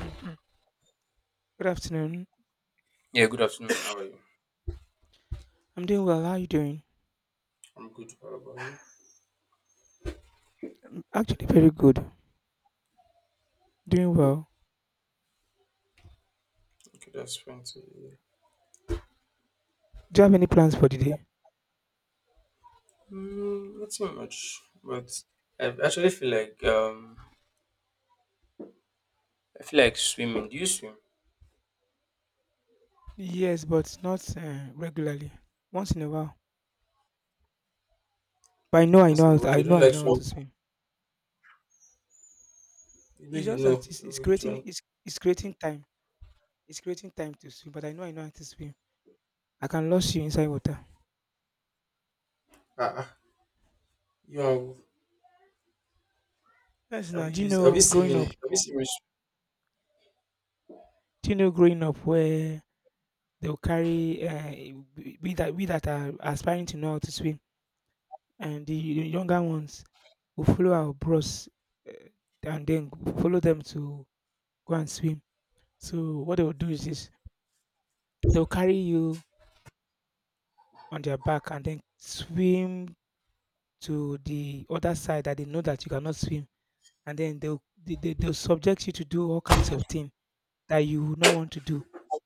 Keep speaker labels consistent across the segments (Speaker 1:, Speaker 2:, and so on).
Speaker 1: Mm-hmm. Good afternoon.
Speaker 2: Yeah, good afternoon. How are you?
Speaker 1: I'm doing well. How are you doing?
Speaker 2: I'm good. How about you?
Speaker 1: I'm actually very good. Doing well.
Speaker 2: Okay, that's fine. So, yeah.
Speaker 1: Do you have any plans for the day?
Speaker 2: Mm, not too much, but I actually feel like I feel like swimming. Do you swim?
Speaker 1: Yes, but not regularly. Once in a while. But
Speaker 2: That's never. You
Speaker 1: I know,
Speaker 2: don't like
Speaker 1: how
Speaker 2: swimming.
Speaker 1: to swim.
Speaker 2: You know,
Speaker 1: It's
Speaker 2: you
Speaker 1: just
Speaker 2: know
Speaker 1: that it's
Speaker 2: which
Speaker 1: creating,
Speaker 2: one?
Speaker 1: it's creating time. It's creating time to swim. But I know how to swim. I can lose you inside water.
Speaker 2: Ah, ah. You have.
Speaker 1: Yes,
Speaker 2: Have
Speaker 1: now.
Speaker 2: you
Speaker 1: Do you
Speaker 2: used? Have you
Speaker 1: know
Speaker 2: seen me?
Speaker 1: growing up?
Speaker 2: Have you seen me?
Speaker 1: Do you know growing up where they'll carry we that are aspiring to know how to swim, and the younger ones we follow our bros uh, and then follow them to go and swim. So what they'll do is this, they'll carry you on their back and then swim to the other side that they know that you cannot swim, and then they'll subject you to do all kinds of things that you would not want to do.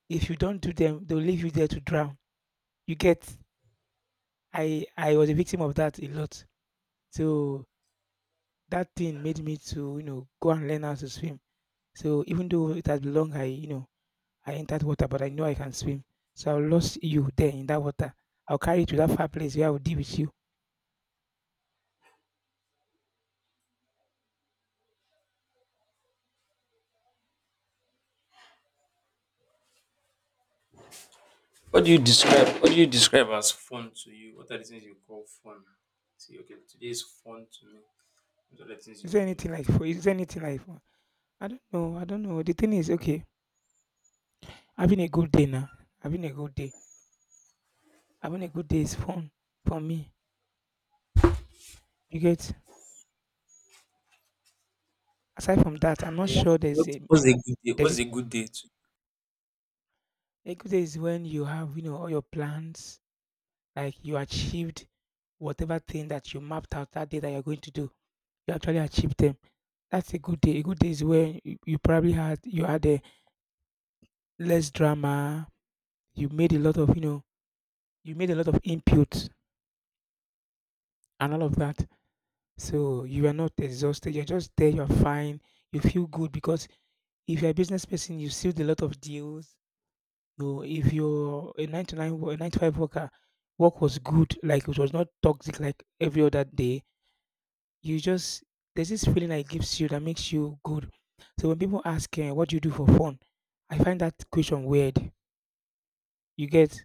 Speaker 1: If you don't do them, they'll leave you there to drown. You get? I was a victim of that a lot. So that thing made me to, you know, go and learn how to swim. So even though it has been long, I, you know, I entered water, but I know I can swim. So I'll lose you there in that water. I'll carry you to that far place where I will deal with you.
Speaker 2: What do you describe? What do you describe as fun to you? What are the things you call fun? See, okay, today is fun to me. What are the things
Speaker 1: Is
Speaker 2: you
Speaker 1: there
Speaker 2: would do?
Speaker 1: anything like for, is there anything like for, I don't know, I don't know. The thing is, okay, having a good day now. Having a good day. Having a good day is fun for me. You get? Aside from that, I'm not
Speaker 2: Yeah,
Speaker 1: sure there's a,
Speaker 2: what's a good day?
Speaker 1: there's
Speaker 2: What's
Speaker 1: this,
Speaker 2: a good day to?
Speaker 1: a good day is when you have, you know, all your plans, like you achieved whatever thing that you mapped out that day that you're going to do. You actually achieved them. That's a good day. A good day is when you probably had, you had a less drama. You made a lot of, you know, you made a lot of input and all of that. So you are not exhausted. You're just there. You're fine. You feel good because if you're a business person, you sealed a lot of deals. You, if you're a nine to nine, wo- a nine to five worker, work was good. Like it was not toxic like every other day. You just, there's this feeling that it gives you that makes you good. So when people ask, eh, "What do you do for fun?" I find that question weird. You get?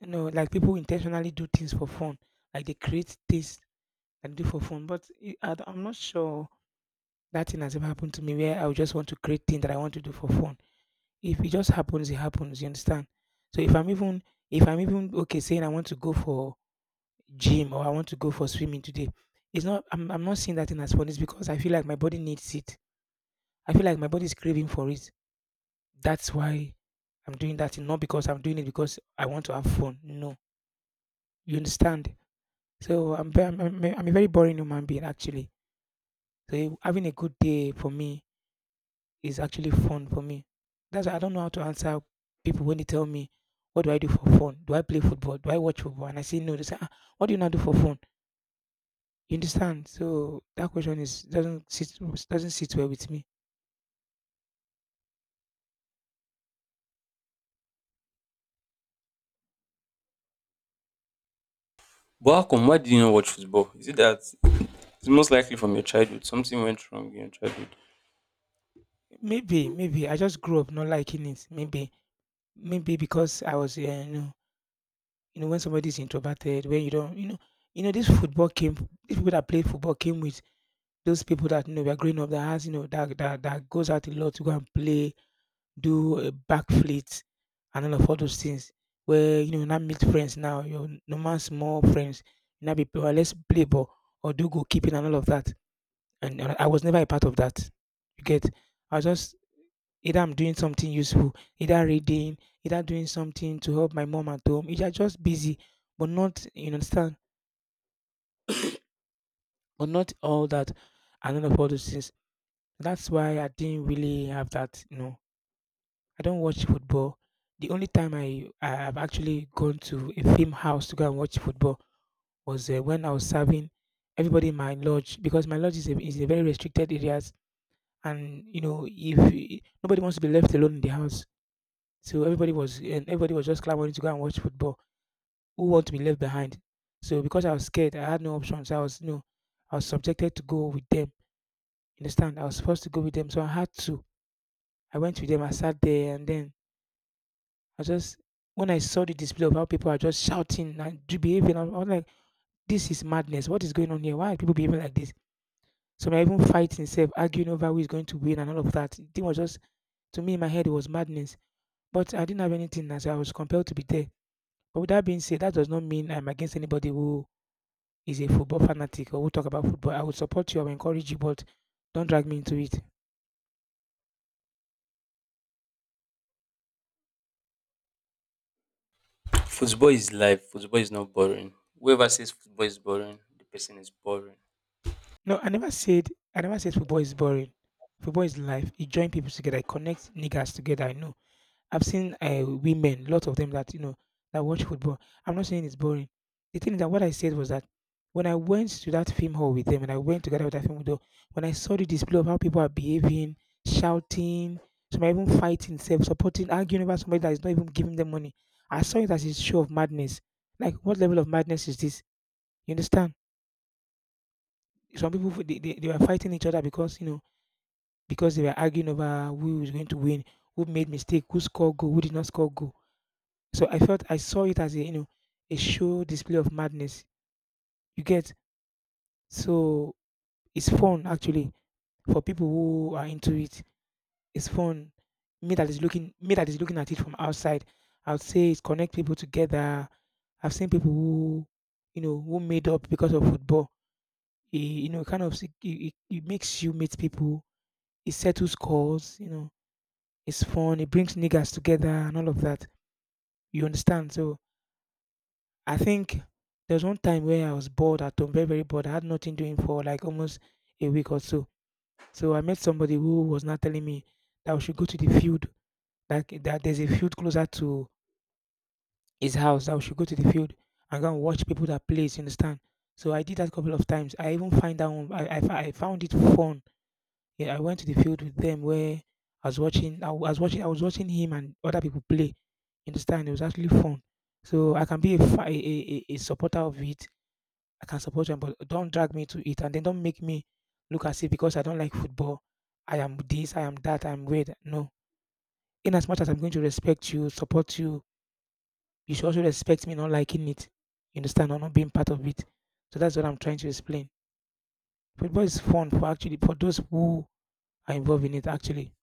Speaker 1: You know, like people intentionally do things for fun, like they create things and do for fun. But it, I am not sure that thing has ever happened to me where I would just want to create things that I want to do for fun. If it just happens, it happens. You understand? So if I'm even, if I'm even okay saying I want to go for gym or I want to go for swimming today, it's not, I'm, not seeing that thing as fun. It's because I feel like my body needs it. I feel like my body is craving for it. That's why I'm doing that thing. Not because I'm doing it because I want to have fun. No, you understand? So I'm, ve- I'm a very boring human being actually. So it- having a good day for me is actually fun for me. That's why I don't know how to answer people when they tell me, "What do I do for fun? Do I play football? Do I watch football?" And I say no. They say, ah, "What do you not do for fun?" You understand? So that question is, doesn't sit well with me.
Speaker 2: But how come? Why do you not watch football? Is it that? It's most likely from your childhood. Something went wrong in your childhood.
Speaker 1: Maybe, maybe I just grew up not liking it. Maybe, maybe because I was you know, you know when somebody's introverted, when you don't, you know, you know, this football came, these people that play football came with, those people that, you know, were growing up that has, you know, that goes out a lot to go and play, do a backflip, and all of all those things. Where, you know, you now meet friends now, your normal small friends, you now be, "Oh, let's play ball or do goalkeeping and all of that." And I was never a part of that. You get? I was just either I'm doing something useful, either reading, either doing something to help my mom at home. Either just busy, but not, you understand, but not all that and all of all those things. That's why I didn't really have that, you know. I don't watch football. The only time I have actually gone to a film house to go and watch football was when I was serving everybody in my lodge, because my lodge is a very restricted areas, and you know if y- nobody wants to be left alone in the house, so everybody was, and everybody was just clamoring to go and watch football. Who want to be left behind? So because I was scared, I had no option. So I was, you know, I was subjected to go with them. You understand? I was supposed to go with them, so I had to. I went with them. I sat there, and then I just, when I saw the display of how people are just shouting and do- behaving, I was like, "This is madness! What is going on here? Why are people behaving like this?" So I even fighting, self arguing over who is going to win and all of that. It was just, to me in my head it was madness, but I didn't have anything, and so I was compelled to be there. But with that being said, that does not mean I'm against anybody who is a football fanatic or who talk about football. I would support you, I would encourage you, but don't drag me into it.
Speaker 2: Football is life. Football is not boring. Whoever says football is boring, the person is boring.
Speaker 1: No, I never said football is boring. Football is life. You join people together, it connects niggas together. I know, I've seen women, lot of them that, you know, that watch football. I'm not saying it's boring. The thing is that what I said was that when I went to that film hall with them, and I went together with that film hall, when I saw the display of how people are behaving, shouting, some are even fighting, self supporting, arguing about somebody that is not even giving them money, I saw it as a show of madness. Like, what level of madness is this? You understand? Some people they were fighting each other because, you know, because they were arguing over who was going to win, who made mistake, who scored goal, who did not score goal. So I felt, I saw it as a, you know, a show display of madness. You get? So it's fun actually for people who are into it. It's fun. Me that is looking at it from outside. I would say it connect people together. I've seen people who, you know, who made up because of football. It, you know, kind of it makes you meet people. It settles scores. You know, it's fun. It brings niggas together and all of that. You understand? So I think there was one time where I was bored at home, very, very bored. I had nothing doing for like almost a week or so. So I met somebody who was not telling me that we should go to the field, like that there's a field closer to his house, that we should go to the field and go and watch people that plays, you understand? So I did that a couple of times. I even find that one, I found it fun. Yeah, I went to the field with them where I was watching him and other people play. You understand? It was actually fun. So I can be a, fa- a supporter of it. I can support them, but don't drag me to it, and then don't make me look as if because I don't like football, I am this, I am that, I'm weird. No. In as much as I'm going to respect you, support you, you should also respect me not liking it. You understand, or not being part of it. So that's what I'm trying to explain. Football is fun, for actually for those who are involved in it actually.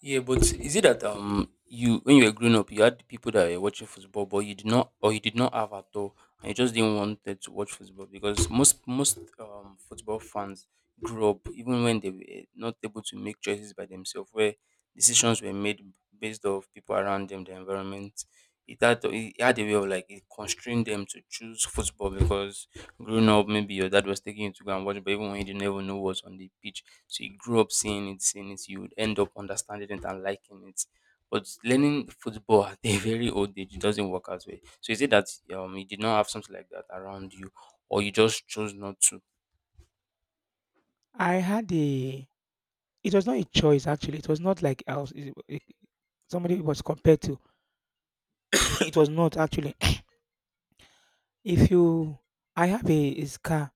Speaker 2: Yeah, but is it that you when you were growing up you had people that were watching football but you did not or you did not have at all and you just didn't want them to watch football because most football fans grew up even when they were not able to make choices by themselves where decisions were made based off people around them, the environment it had, it had a way of like it constrained them to choose football because growing up maybe your dad was taking you to go and watch but even when you didn't even know what's on the pitch so you grew up seeing it you would end up understanding it and liking it but learning football at a very old age it doesn't work as well so is it that you did not have something like that around you or you just chose not to.
Speaker 1: I had a, it was not a choice actually. It was not like I was somebody was compared to. It was not actually. If you I have a scar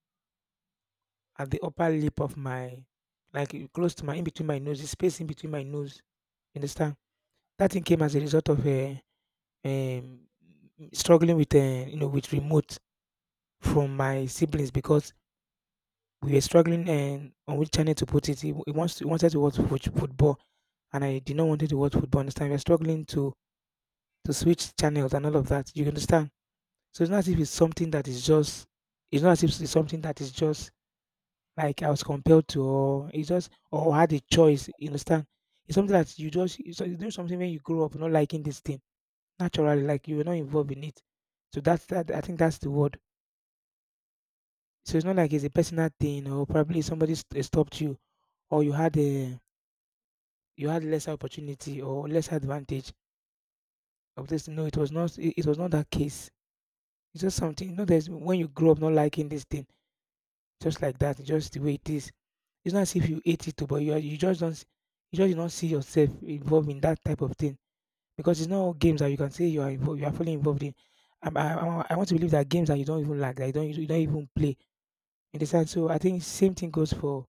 Speaker 1: at the upper lip of my, like e, close to my, in between my nose, the space in between my nose. You understand? That thing came as a result of a um, struggling with with remote from my siblings, because we were struggling and on which channel to put it. He, wa- he wants to, he wanted to watch football, and I did not want to watch football. Understand? We are struggling to switch channels and all of that. You understand? So it's not as if it's something that is just. It's not as if it's something that is just like I was compelled to, or it's just, or had a choice, you understand? It's something that you just, it's doing something when you grow up not liking this thing. Naturally, like you were not involved in it. So that's that. I think that's the word. So it's not like it's a personal thing, or probably somebody stopped you, or you had a, you had lesser opportunity or less advantage of this. No, it was not that case. It's just something, you know, there's, when you grow up not liking this thing, just like that. It's just the way it is. It's not as if you hate it, oh, but you are, you just don't see yourself involved in that type of thing, because it's not all games that you are fully involved in. I want to believe that games that you don't even like, that you don't even play. You understand? So I think same thing goes for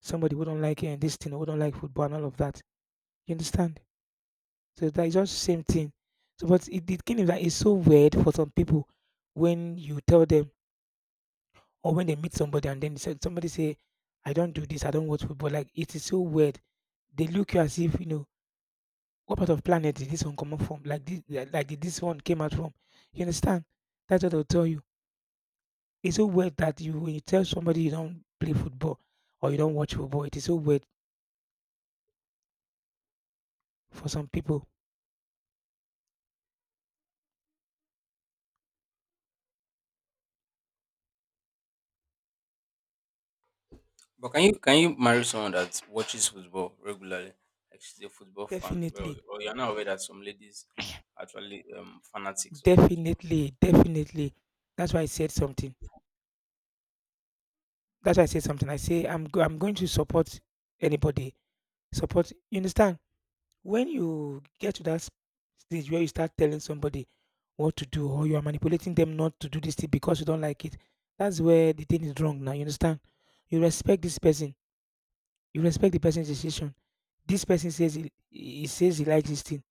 Speaker 1: somebody who don't like this thing, who don't like football and all of that. You understand? So that is just same thing. So, but it, the thing is that it's so weird for some people when you tell them, or when they meet somebody and then somebody say, "I don't do this. I don't watch football." Like, it is so weird. They look you as if, you know, what part of planet did this one come up from? Like this, like did this one came out from? You understand? That's what they'll tell you. It's so weird that, you, when you tell somebody you don't play football or you don't watch football, it is so weird for some people.
Speaker 2: But can you marry someone that watches football regularly like she's a football fan well
Speaker 1: Definitely,
Speaker 2: or you're not aware that some ladies actually fanatics of football?
Speaker 1: definitely. That's why I said something. That's why I said something. I say I'm going to support anybody. Support. You understand? When you get to that stage where you start telling somebody what to do, or you are manipulating them not to do this thing because you don't like it, that's where the thing is wrong now. You understand? You respect this person. You respect the person's decision. This person says he says he likes this thing.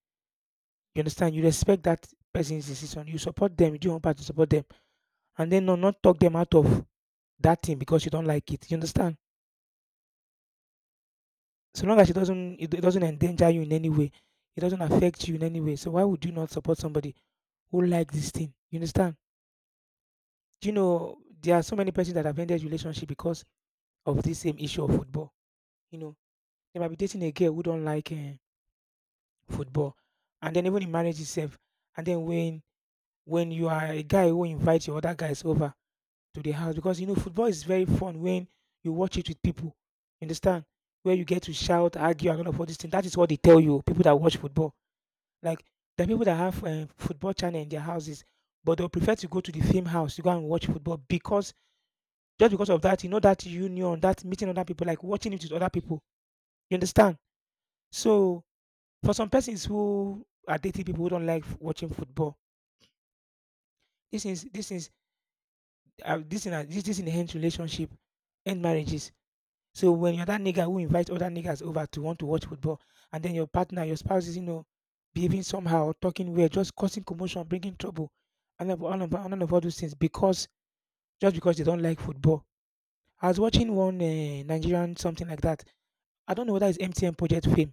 Speaker 1: You understand? You respect that person's decision. You support them. You do your own part to support them. And then no, not talk them out of that thing because you don't like it. You understand? So long as it doesn't endanger you in any way, it doesn't affect you in any way. So why would you not support somebody who like this thing? You understand? Do you know there are so many persons that have ended relationship because of this same issue of football? You know, they might be dating a girl who don't like football, and then even in marriage itself. And then when you are a guy who invites your other guys over to the house because, you know, football is very fun when you watch it with people. You understand? Where you get to shout, argue, and all of all these things. That is what they tell you. People that watch football, like the people that have football channel in their houses, but they'll prefer to go to the film house to go and watch football, because just because of that, you know, that union, that meeting other people, like watching it with other people. You understand? So for some persons who are dating people who don't like watching football, this is this is this this enhance relationship, end marriages. So when you're that nigga who invites other niggas over to want to watch football, and then your partner, your spouse is, you know, behaving somehow, talking weird, just causing commotion, bringing trouble, and of- all of, all of all those things, because just because they don't like football. I was watching one Nigerian something like that. I don't know whether it's MTN Project Fame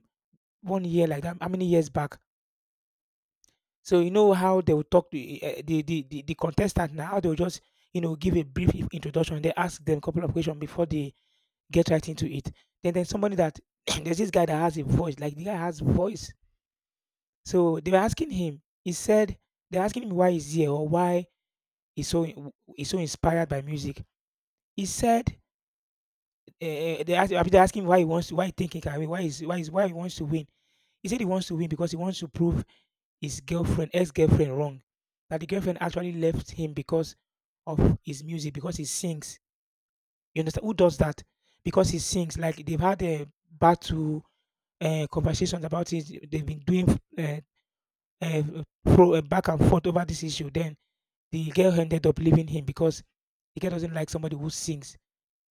Speaker 1: one year like that, how many years back. So you know how they will talk to the contestant now, how they will just, you know, give a brief introduction. They ask them a couple of questions before they get right into it. Then there's somebody that, there's this guy that has a voice. Like, the guy has voice. So they were asking him. He said, they're asking him why he's here, or why he's so inspired by music. He said uh, they asked, they asking why he wants to, why he think he can win, why he wants to win. He said he wants to win because he wants to prove ex girlfriend, wrong. That the girlfriend actually left him because of his music, because he sings. You understand? Who does that? Because he sings. Like they've had a battle, conversations about it. They've been doing uh, uh, back and forth over this issue. Then the girl ended up leaving him because the girl doesn't like somebody who sings.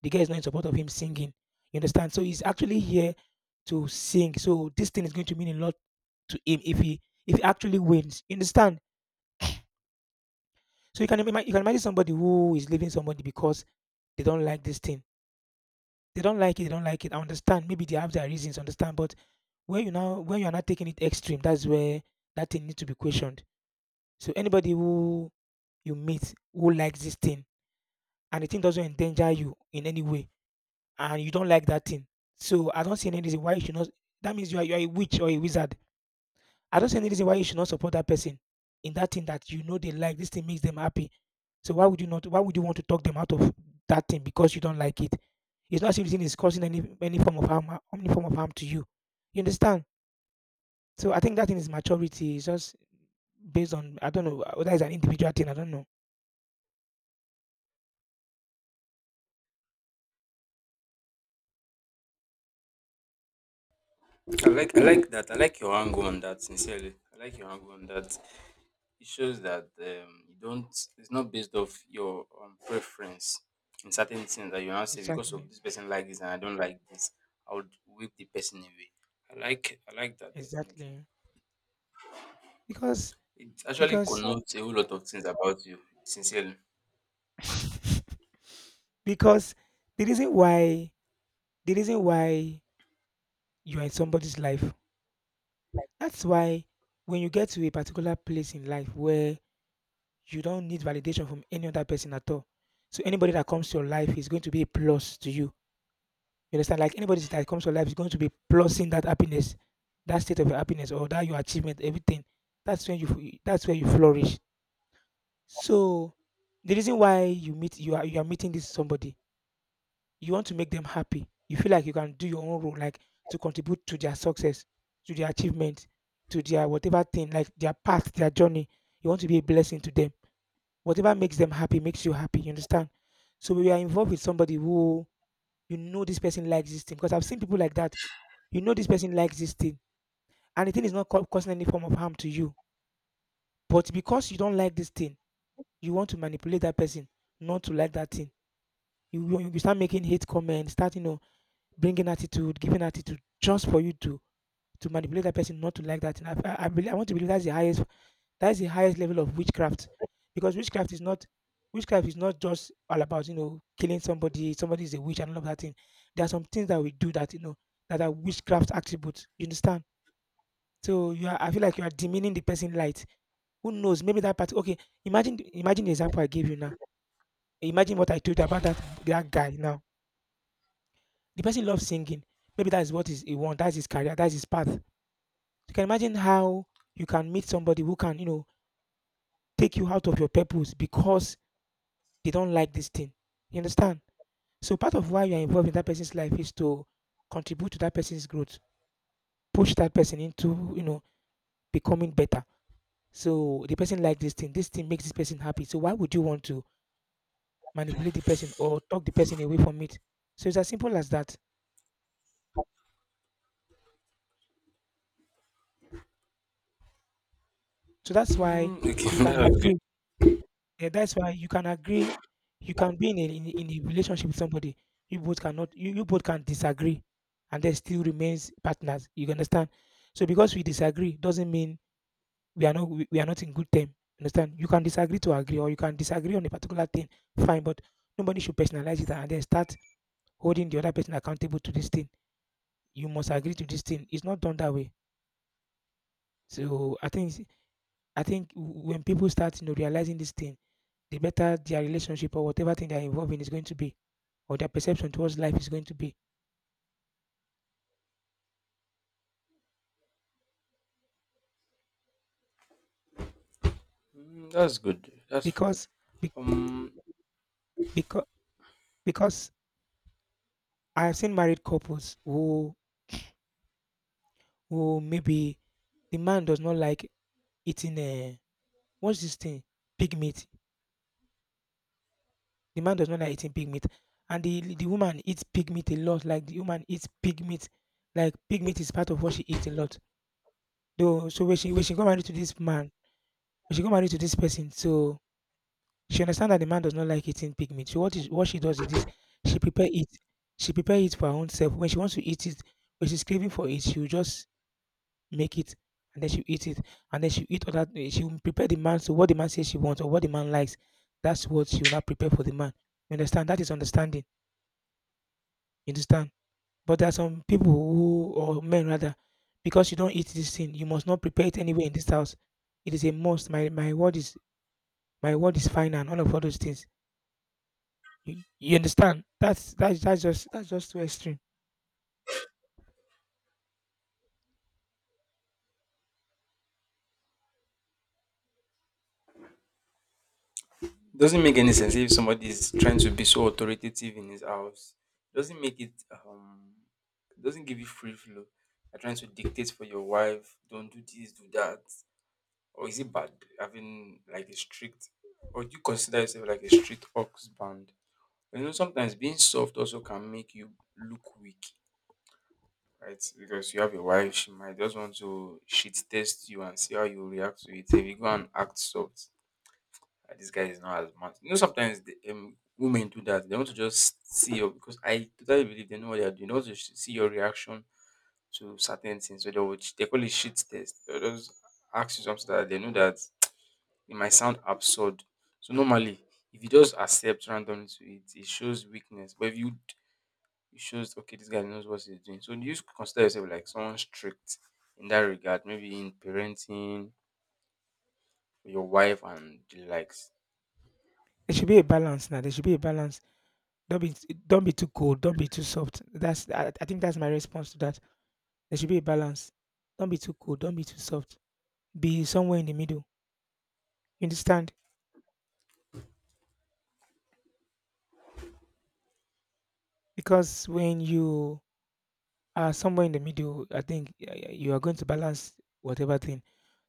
Speaker 1: The girl is not in support of him singing. You understand? So he's actually here to sing. So this thing is going to mean a lot to him if he, if he actually wins. You understand? So you can imagine somebody who is leaving somebody because they don't like this thing. They don't like it. They don't like it. I understand. Maybe they have their reasons. Understand, but when you now, when you are not taking it extreme, that's where that thing needs to be questioned. So anybody who you meet who likes this thing, and the thing doesn't endanger you in any way, and you don't like that thing, so I don't see any reason why you should not. That means you are a witch or a wizard. I don't see any reason why you should not support that person in that thing that you know they like. This thing makes them happy. So why would you not? Why would you want to talk them out of that thing because you don't like it? It's not something, is causing any form of harm, any form of harm to you. You understand? So I think that thing is maturity. It's just based on, I don't know whether it's an individual thing. I don't know.
Speaker 2: I like that. I like your angle on that. Sincerely, I like your angle on that. It shows that you don't. It's not based off your preference in certain things that you now say because of
Speaker 1: Exactly,
Speaker 2: this person like this and I don't like this. I would whip the person away. I like that definitely.
Speaker 1: exactly. because
Speaker 2: It actually
Speaker 1: because
Speaker 2: connotes a whole lot of things about you. Sincerely.
Speaker 1: because the reason why, the reason why you are in somebody's life. That's why when you get to a particular place in life, where you don't need validation from any other person at all. So anybody that comes to your life is going to be a plus to you. You understand? Like anybody that comes to your life is going to be plusing that happiness, that state of your happiness, or that your achievement, everything. That's when you, that's where you flourish. So the reason why you are, you are meeting this somebody, you want to make them happy. You feel like you can do your own role, like to contribute to their success, to their achievement, to their whatever thing, like their path, their journey. You want to be a blessing to them. Whatever makes them happy makes you happy. You understand? So when you are involved with somebody who, you know this person likes this thing. Because I've seen people like that. You know this person likes this thing, and the thing is not causing any form of harm to you. But because you don't like this thing, you want to manipulate that person not to like that thing. You start making hate comments, start, you know, bringing attitude, giving attitude, just for you to manipulate that person not to like that thing. I want to believe that's the highest, that's the highest level of witchcraft. Because witchcraft is not just all about, you know, killing somebody, somebody is a witch and all of that thing. There are some things that we do that, you know, that are witchcraft attributes. You understand? So you are, I feel like you are demeaning the person light. Who knows? Maybe that part. Okay, imagine the example I gave you now. Imagine what I told you about that guy now. The person loves singing. Maybe that is what is he wants. That's his career. That's his path. You can imagine how you can meet somebody who can, take you out of your purpose because they don't like this thing. You understand? So part of why you're involved in that person's life is to contribute to that person's growth, push that person into, becoming better. So the person like this thing. This thing makes this person happy. So why would you want to manipulate the person or talk the person away from it? So it's as simple as that. So that's why
Speaker 2: Mm, okay,
Speaker 1: you can
Speaker 2: that's good.
Speaker 1: agree. That's why you can agree. You can be in a, in a relationship with somebody. You both cannot. You both can disagree, and there still remains partners. You understand? So because we disagree doesn't mean we are not we are not in good term. Understand? You can disagree to agree, or you can disagree on a particular thing. Fine, but nobody should personalize it and then start holding the other person accountable to this thing. You must agree to this thing. It's not done that way. So I think when people start, realizing this thing, the better their relationship or whatever thing they're involved in is going to be, or their perception towards life is going to be.
Speaker 2: Mm, that's good. That's fine.
Speaker 1: Because be,
Speaker 2: Um,
Speaker 1: because because I've seen married couples who maybe the man does not like eating, what's this thing? Pig meat. The man does not like eating pig meat. And the woman eats pig meat a lot. Like the woman eats pig meat. Like pig meat is part of what she eats a lot. Though so when she got married to this man, when she got married to this person, so she understand that the man does not like eating pig meat. So what she does is this, she prepare it. She prepare it for her own self. When she wants to eat it, when she's craving for it, she'll just make it, and then she eat it, and then she eat other she'll prepare the man to what the man says she wants or what the man likes. That's what she will now prepare for the man. You understand? That is understanding. You understand? But there are some people who, or men rather, because you don't eat this thing, you must not prepare it anywhere in this house. It is a must. My word is my word is final and all of all those things. You understand? That's just too extreme.
Speaker 2: doesn't make any sense if somebody is trying to be so authoritative in his house. Doesn't make it doesn't give you free flow. You're trying to dictate for your wife, don't do this, do that. Or is it bad having like a strict or do you consider yourself like a strict husband? You know, sometimes being soft also can make you look weak, right? Because you have a wife, she might just want to shit test you and see how you react to it. If you go and act soft, "Ah, this guy is not as much." You know, sometimes women do that. They want to just see your, because I totally believe they know what they are doing. They want to see your reaction to certain things. So they would, they call it shit test. They'll just ask you something so that they know that it might sound absurd. So normally, if you just accept randomly to it, it shows weakness. But if you it shows okay, this guy knows what he's doing. So do you just consider yourself like someone strict in that regard? Maybe in parenting, your wife and the likes.
Speaker 1: There should be a balance now. There should be a balance. Don't be too cold. Don't be too soft. That's I think that's my response to that. There should be a balance. Don't be too cold. Don't be too soft. Be somewhere in the middle. You understand? Because when you are somewhere in the middle, I think you are going to balance whatever thing.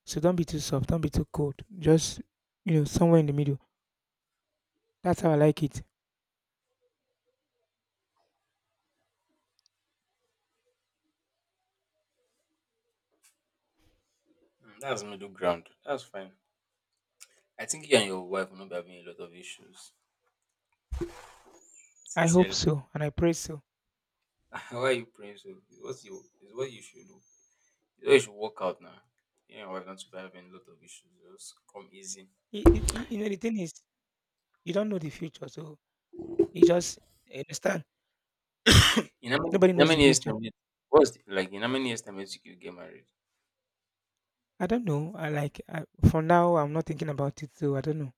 Speaker 1: So don't be too soft. Don't be too cold. Just, somewhere in the middle. That's how I like it.
Speaker 2: Mm, that's middle ground. That's fine. I think you and your wife will not be having a lot of issues.
Speaker 1: I hope
Speaker 2: Sincerely.
Speaker 1: so, and I pray so.
Speaker 2: Why are you praying so? It's what you should do. It's what you should work out now. You and your wife not to be having a lot of issues. Just come easy.
Speaker 1: You, you, you know the thing is, you don't know the future, so you just understand. Nobody
Speaker 2: In how
Speaker 1: knows the
Speaker 2: many years time
Speaker 1: future.
Speaker 2: you- what's the, like in how many years time you think you get married?
Speaker 1: I don't know. For now, I'm not thinking about it. So I don't know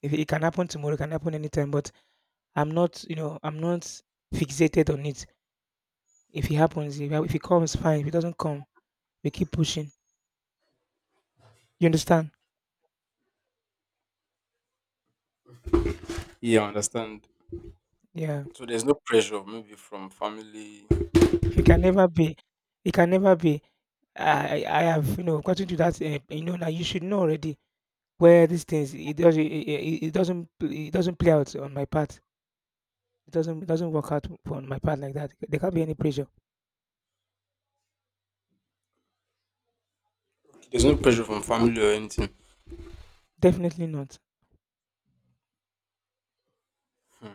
Speaker 1: if it can happen tomorrow. It can happen anytime. But I'm not, I'm not fixated on it. If it happens, if it comes, fine. If it doesn't come, we keep pushing. You understand?
Speaker 2: Yeah, I understand.
Speaker 1: Yeah.
Speaker 2: So there's no pressure maybe from family.
Speaker 1: It can never be. It can never be. I have, gotten to that. You know now you should know already where these things it doesn't, it doesn't play out on my part. It doesn't work out on my part like that. There can't be any pressure.
Speaker 2: There's no pressure from family or anything.
Speaker 1: Definitely not.
Speaker 2: Hmm.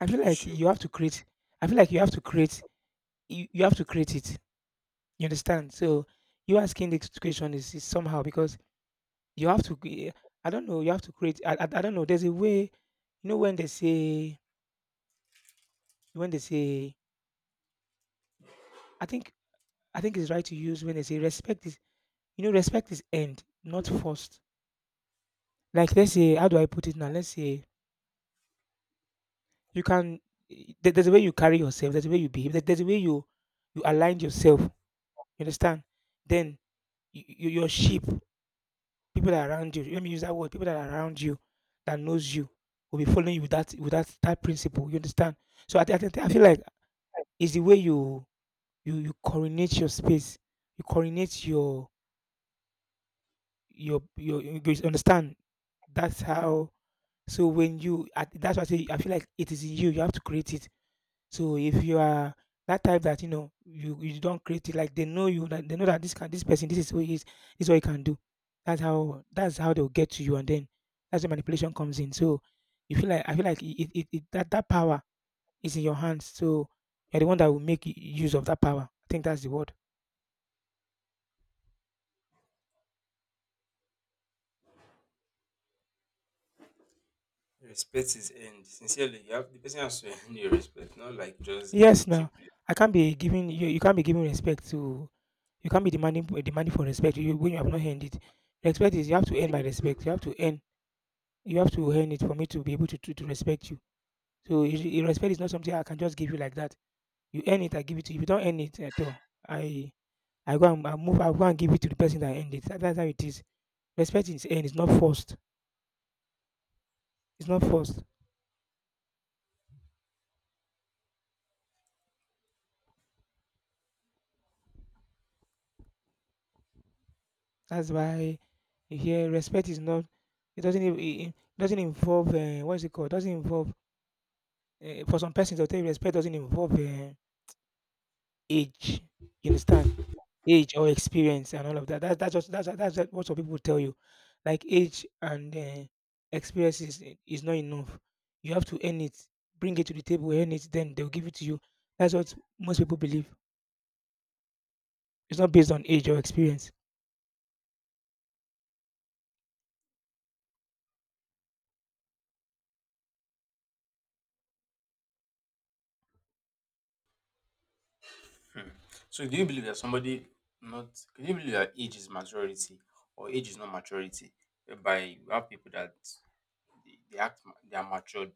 Speaker 1: I feel
Speaker 2: Are you
Speaker 1: like
Speaker 2: sure?
Speaker 1: you have to create. I feel like you have to create. You have to create it. You understand? So you asking this question is somehow because you have to. Cre- I don't know. You have to create. I don't know. There's a way. You know when they say when they say. I think I think it's right to use when they say respect is. You know respect is end, not first. Like let's say how do I put it now? Let's say you can. There's a way you carry yourself. There's a way you behave. There's a way you, you align yourself. You understand? Then your sheep. People that are around you let me use that word, people that are around you that knows you will be following you with that that principle. You understand? So I feel like it's the way you, you coordinate your space, you coordinate your, you understand? That's how. So when you that's why I say I feel like it is in you, you have to create it. So if you are that type that, you know, you don't create it, like they know you, that they know that this can, this person, this is who he is, this is what he can do. That's how they'll get to you, and then that's where manipulation comes in. So you feel like I feel like it, that that power is in your hands. So you're the one that will use of that power. I think that's the word.
Speaker 2: Respect is earned. Sincerely, you have, the person has to earn your respect, not like just give
Speaker 1: Yes.
Speaker 2: it
Speaker 1: Now
Speaker 2: cheaply.
Speaker 1: I can't be giving you, you can't be giving respect to, you can't be demanding for respect you, when you have not earned it. Respect is, you have to earn my respect. You have to earn it for me to be able to to respect you. So respect is not something I can just give you like that. You earn it, I give it to you. If you don't earn it at all, I I go and I move. I go and give it to the person that earned it. That's how it is. Respect is earned. It's not forced. It's not forced. That's why you hear respect is not. It doesn't. It doesn't involve. What is it called? Doesn't involve. For some persons, they'll tell you respect doesn't involve, age. You understand? Age or experience and all of that. That's just what some people tell you. Like age and, experience is not enough. You have to earn it, bring it to the table, earn it, then they'll give it to you. That's what most people believe. It's not based on age or experience.
Speaker 2: So do you believe that somebody not do you believe that age is maturity or age is not maturity? By you have people that they act they are matured,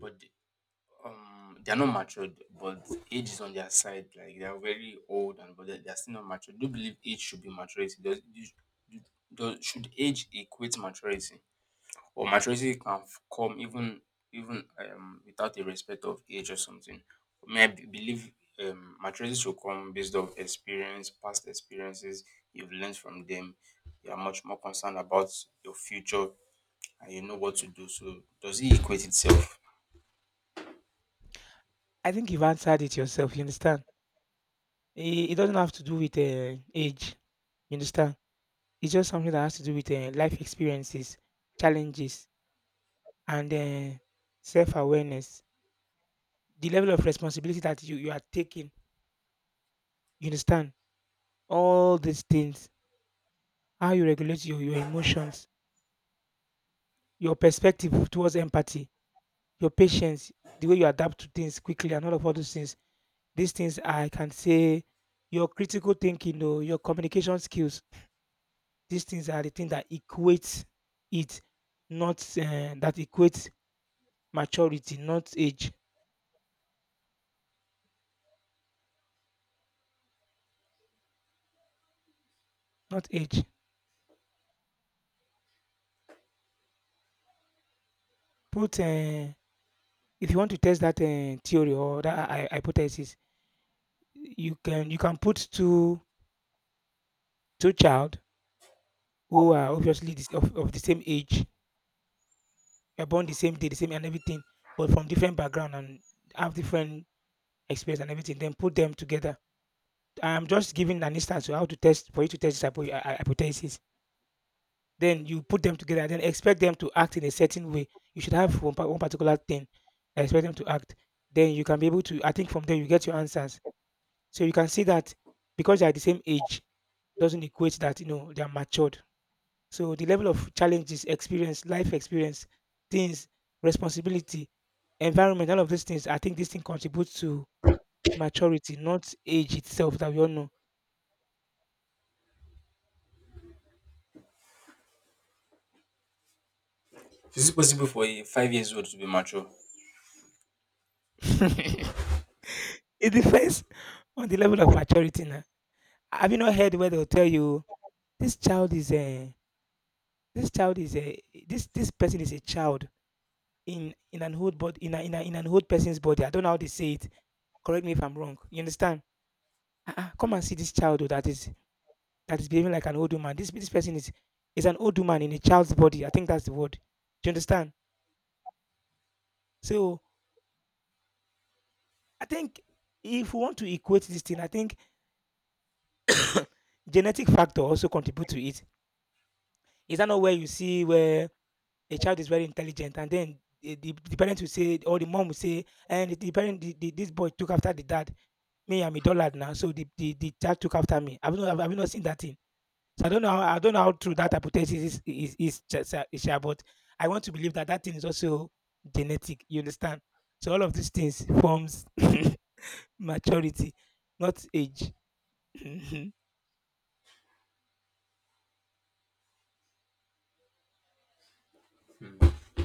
Speaker 2: but they are not matured, but age is on their side. Like they are very old and but they are still not matured. Do you believe age should be maturity? Do, does should age equate maturity? Or maturity can come even even without a respect of age or something. For me, I believe maturity should come based on experience, past experiences. You've learned from them. You are much more concerned about your future, and you know what to do. So, does it equate itself?
Speaker 1: I think you've answered it yourself. You understand? It doesn't have to do with, age. You understand? It's just something that has to do with, life experiences, challenges, and, uh, self awareness. The level of responsibility that you are taking. You understand? All these things. How you regulate your emotions, your perspective towards empathy, your patience, the way you adapt to things quickly, and all of all those things. These things I can say, your critical thinking, though, your communication skills, these things are the thing that equates it, not, that equates maturity, not age, not age. Put, if you want to test that, theory or that hypothesis, you can, put two child who are obviously this, of the same age, were born the same day, the same and everything, but from different background and have different experience and everything. Then put them together. I'm just giving an instance to how to test, for you to test this hypothesis. Then you put them together and then expect them to act in a certain way. You should have one, one particular thing and expect them to act. Then you can be able to, I think from there you get your answers. So you can see that because they are the same age doesn't equate that, you know, they are matured. So the level of challenges, experience, life experience, things, responsibility, environment, all of these things, I think this thing contributes to maturity, not age itself, that we all know.
Speaker 2: Is it possible for a 5 years old to be mature?
Speaker 1: It depends on the level of maturity now. Have you not heard where they'll tell you, This child is a this child is a this, this person is a child in, an old body, in a, in an old person's body. I don't know how they say it. Correct me if I'm wrong. You understand? Uh-uh. Come and see this child, oh, that is, behaving like an old woman. This, person is an old woman in a child's body. I think that's the word. Do you understand? So I think if we want to equate this thing, I think genetic factor also contribute to it. Is that not where you see where a child is very intelligent, and then the parent will say, or the mom will say, and the parent, the, this boy took after the dad. Me, I'm a dollard now, so the child took after me. I've not seen that thing. So I don't know how true that hypothesis is, just, is, but I want to believe that that thing is also genetic. You understand? So all of these things forms maturity, not age.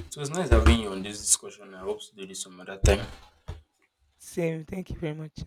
Speaker 2: So it's nice having you on this discussion. I hope to do this some other time.
Speaker 1: Same, thank you very much.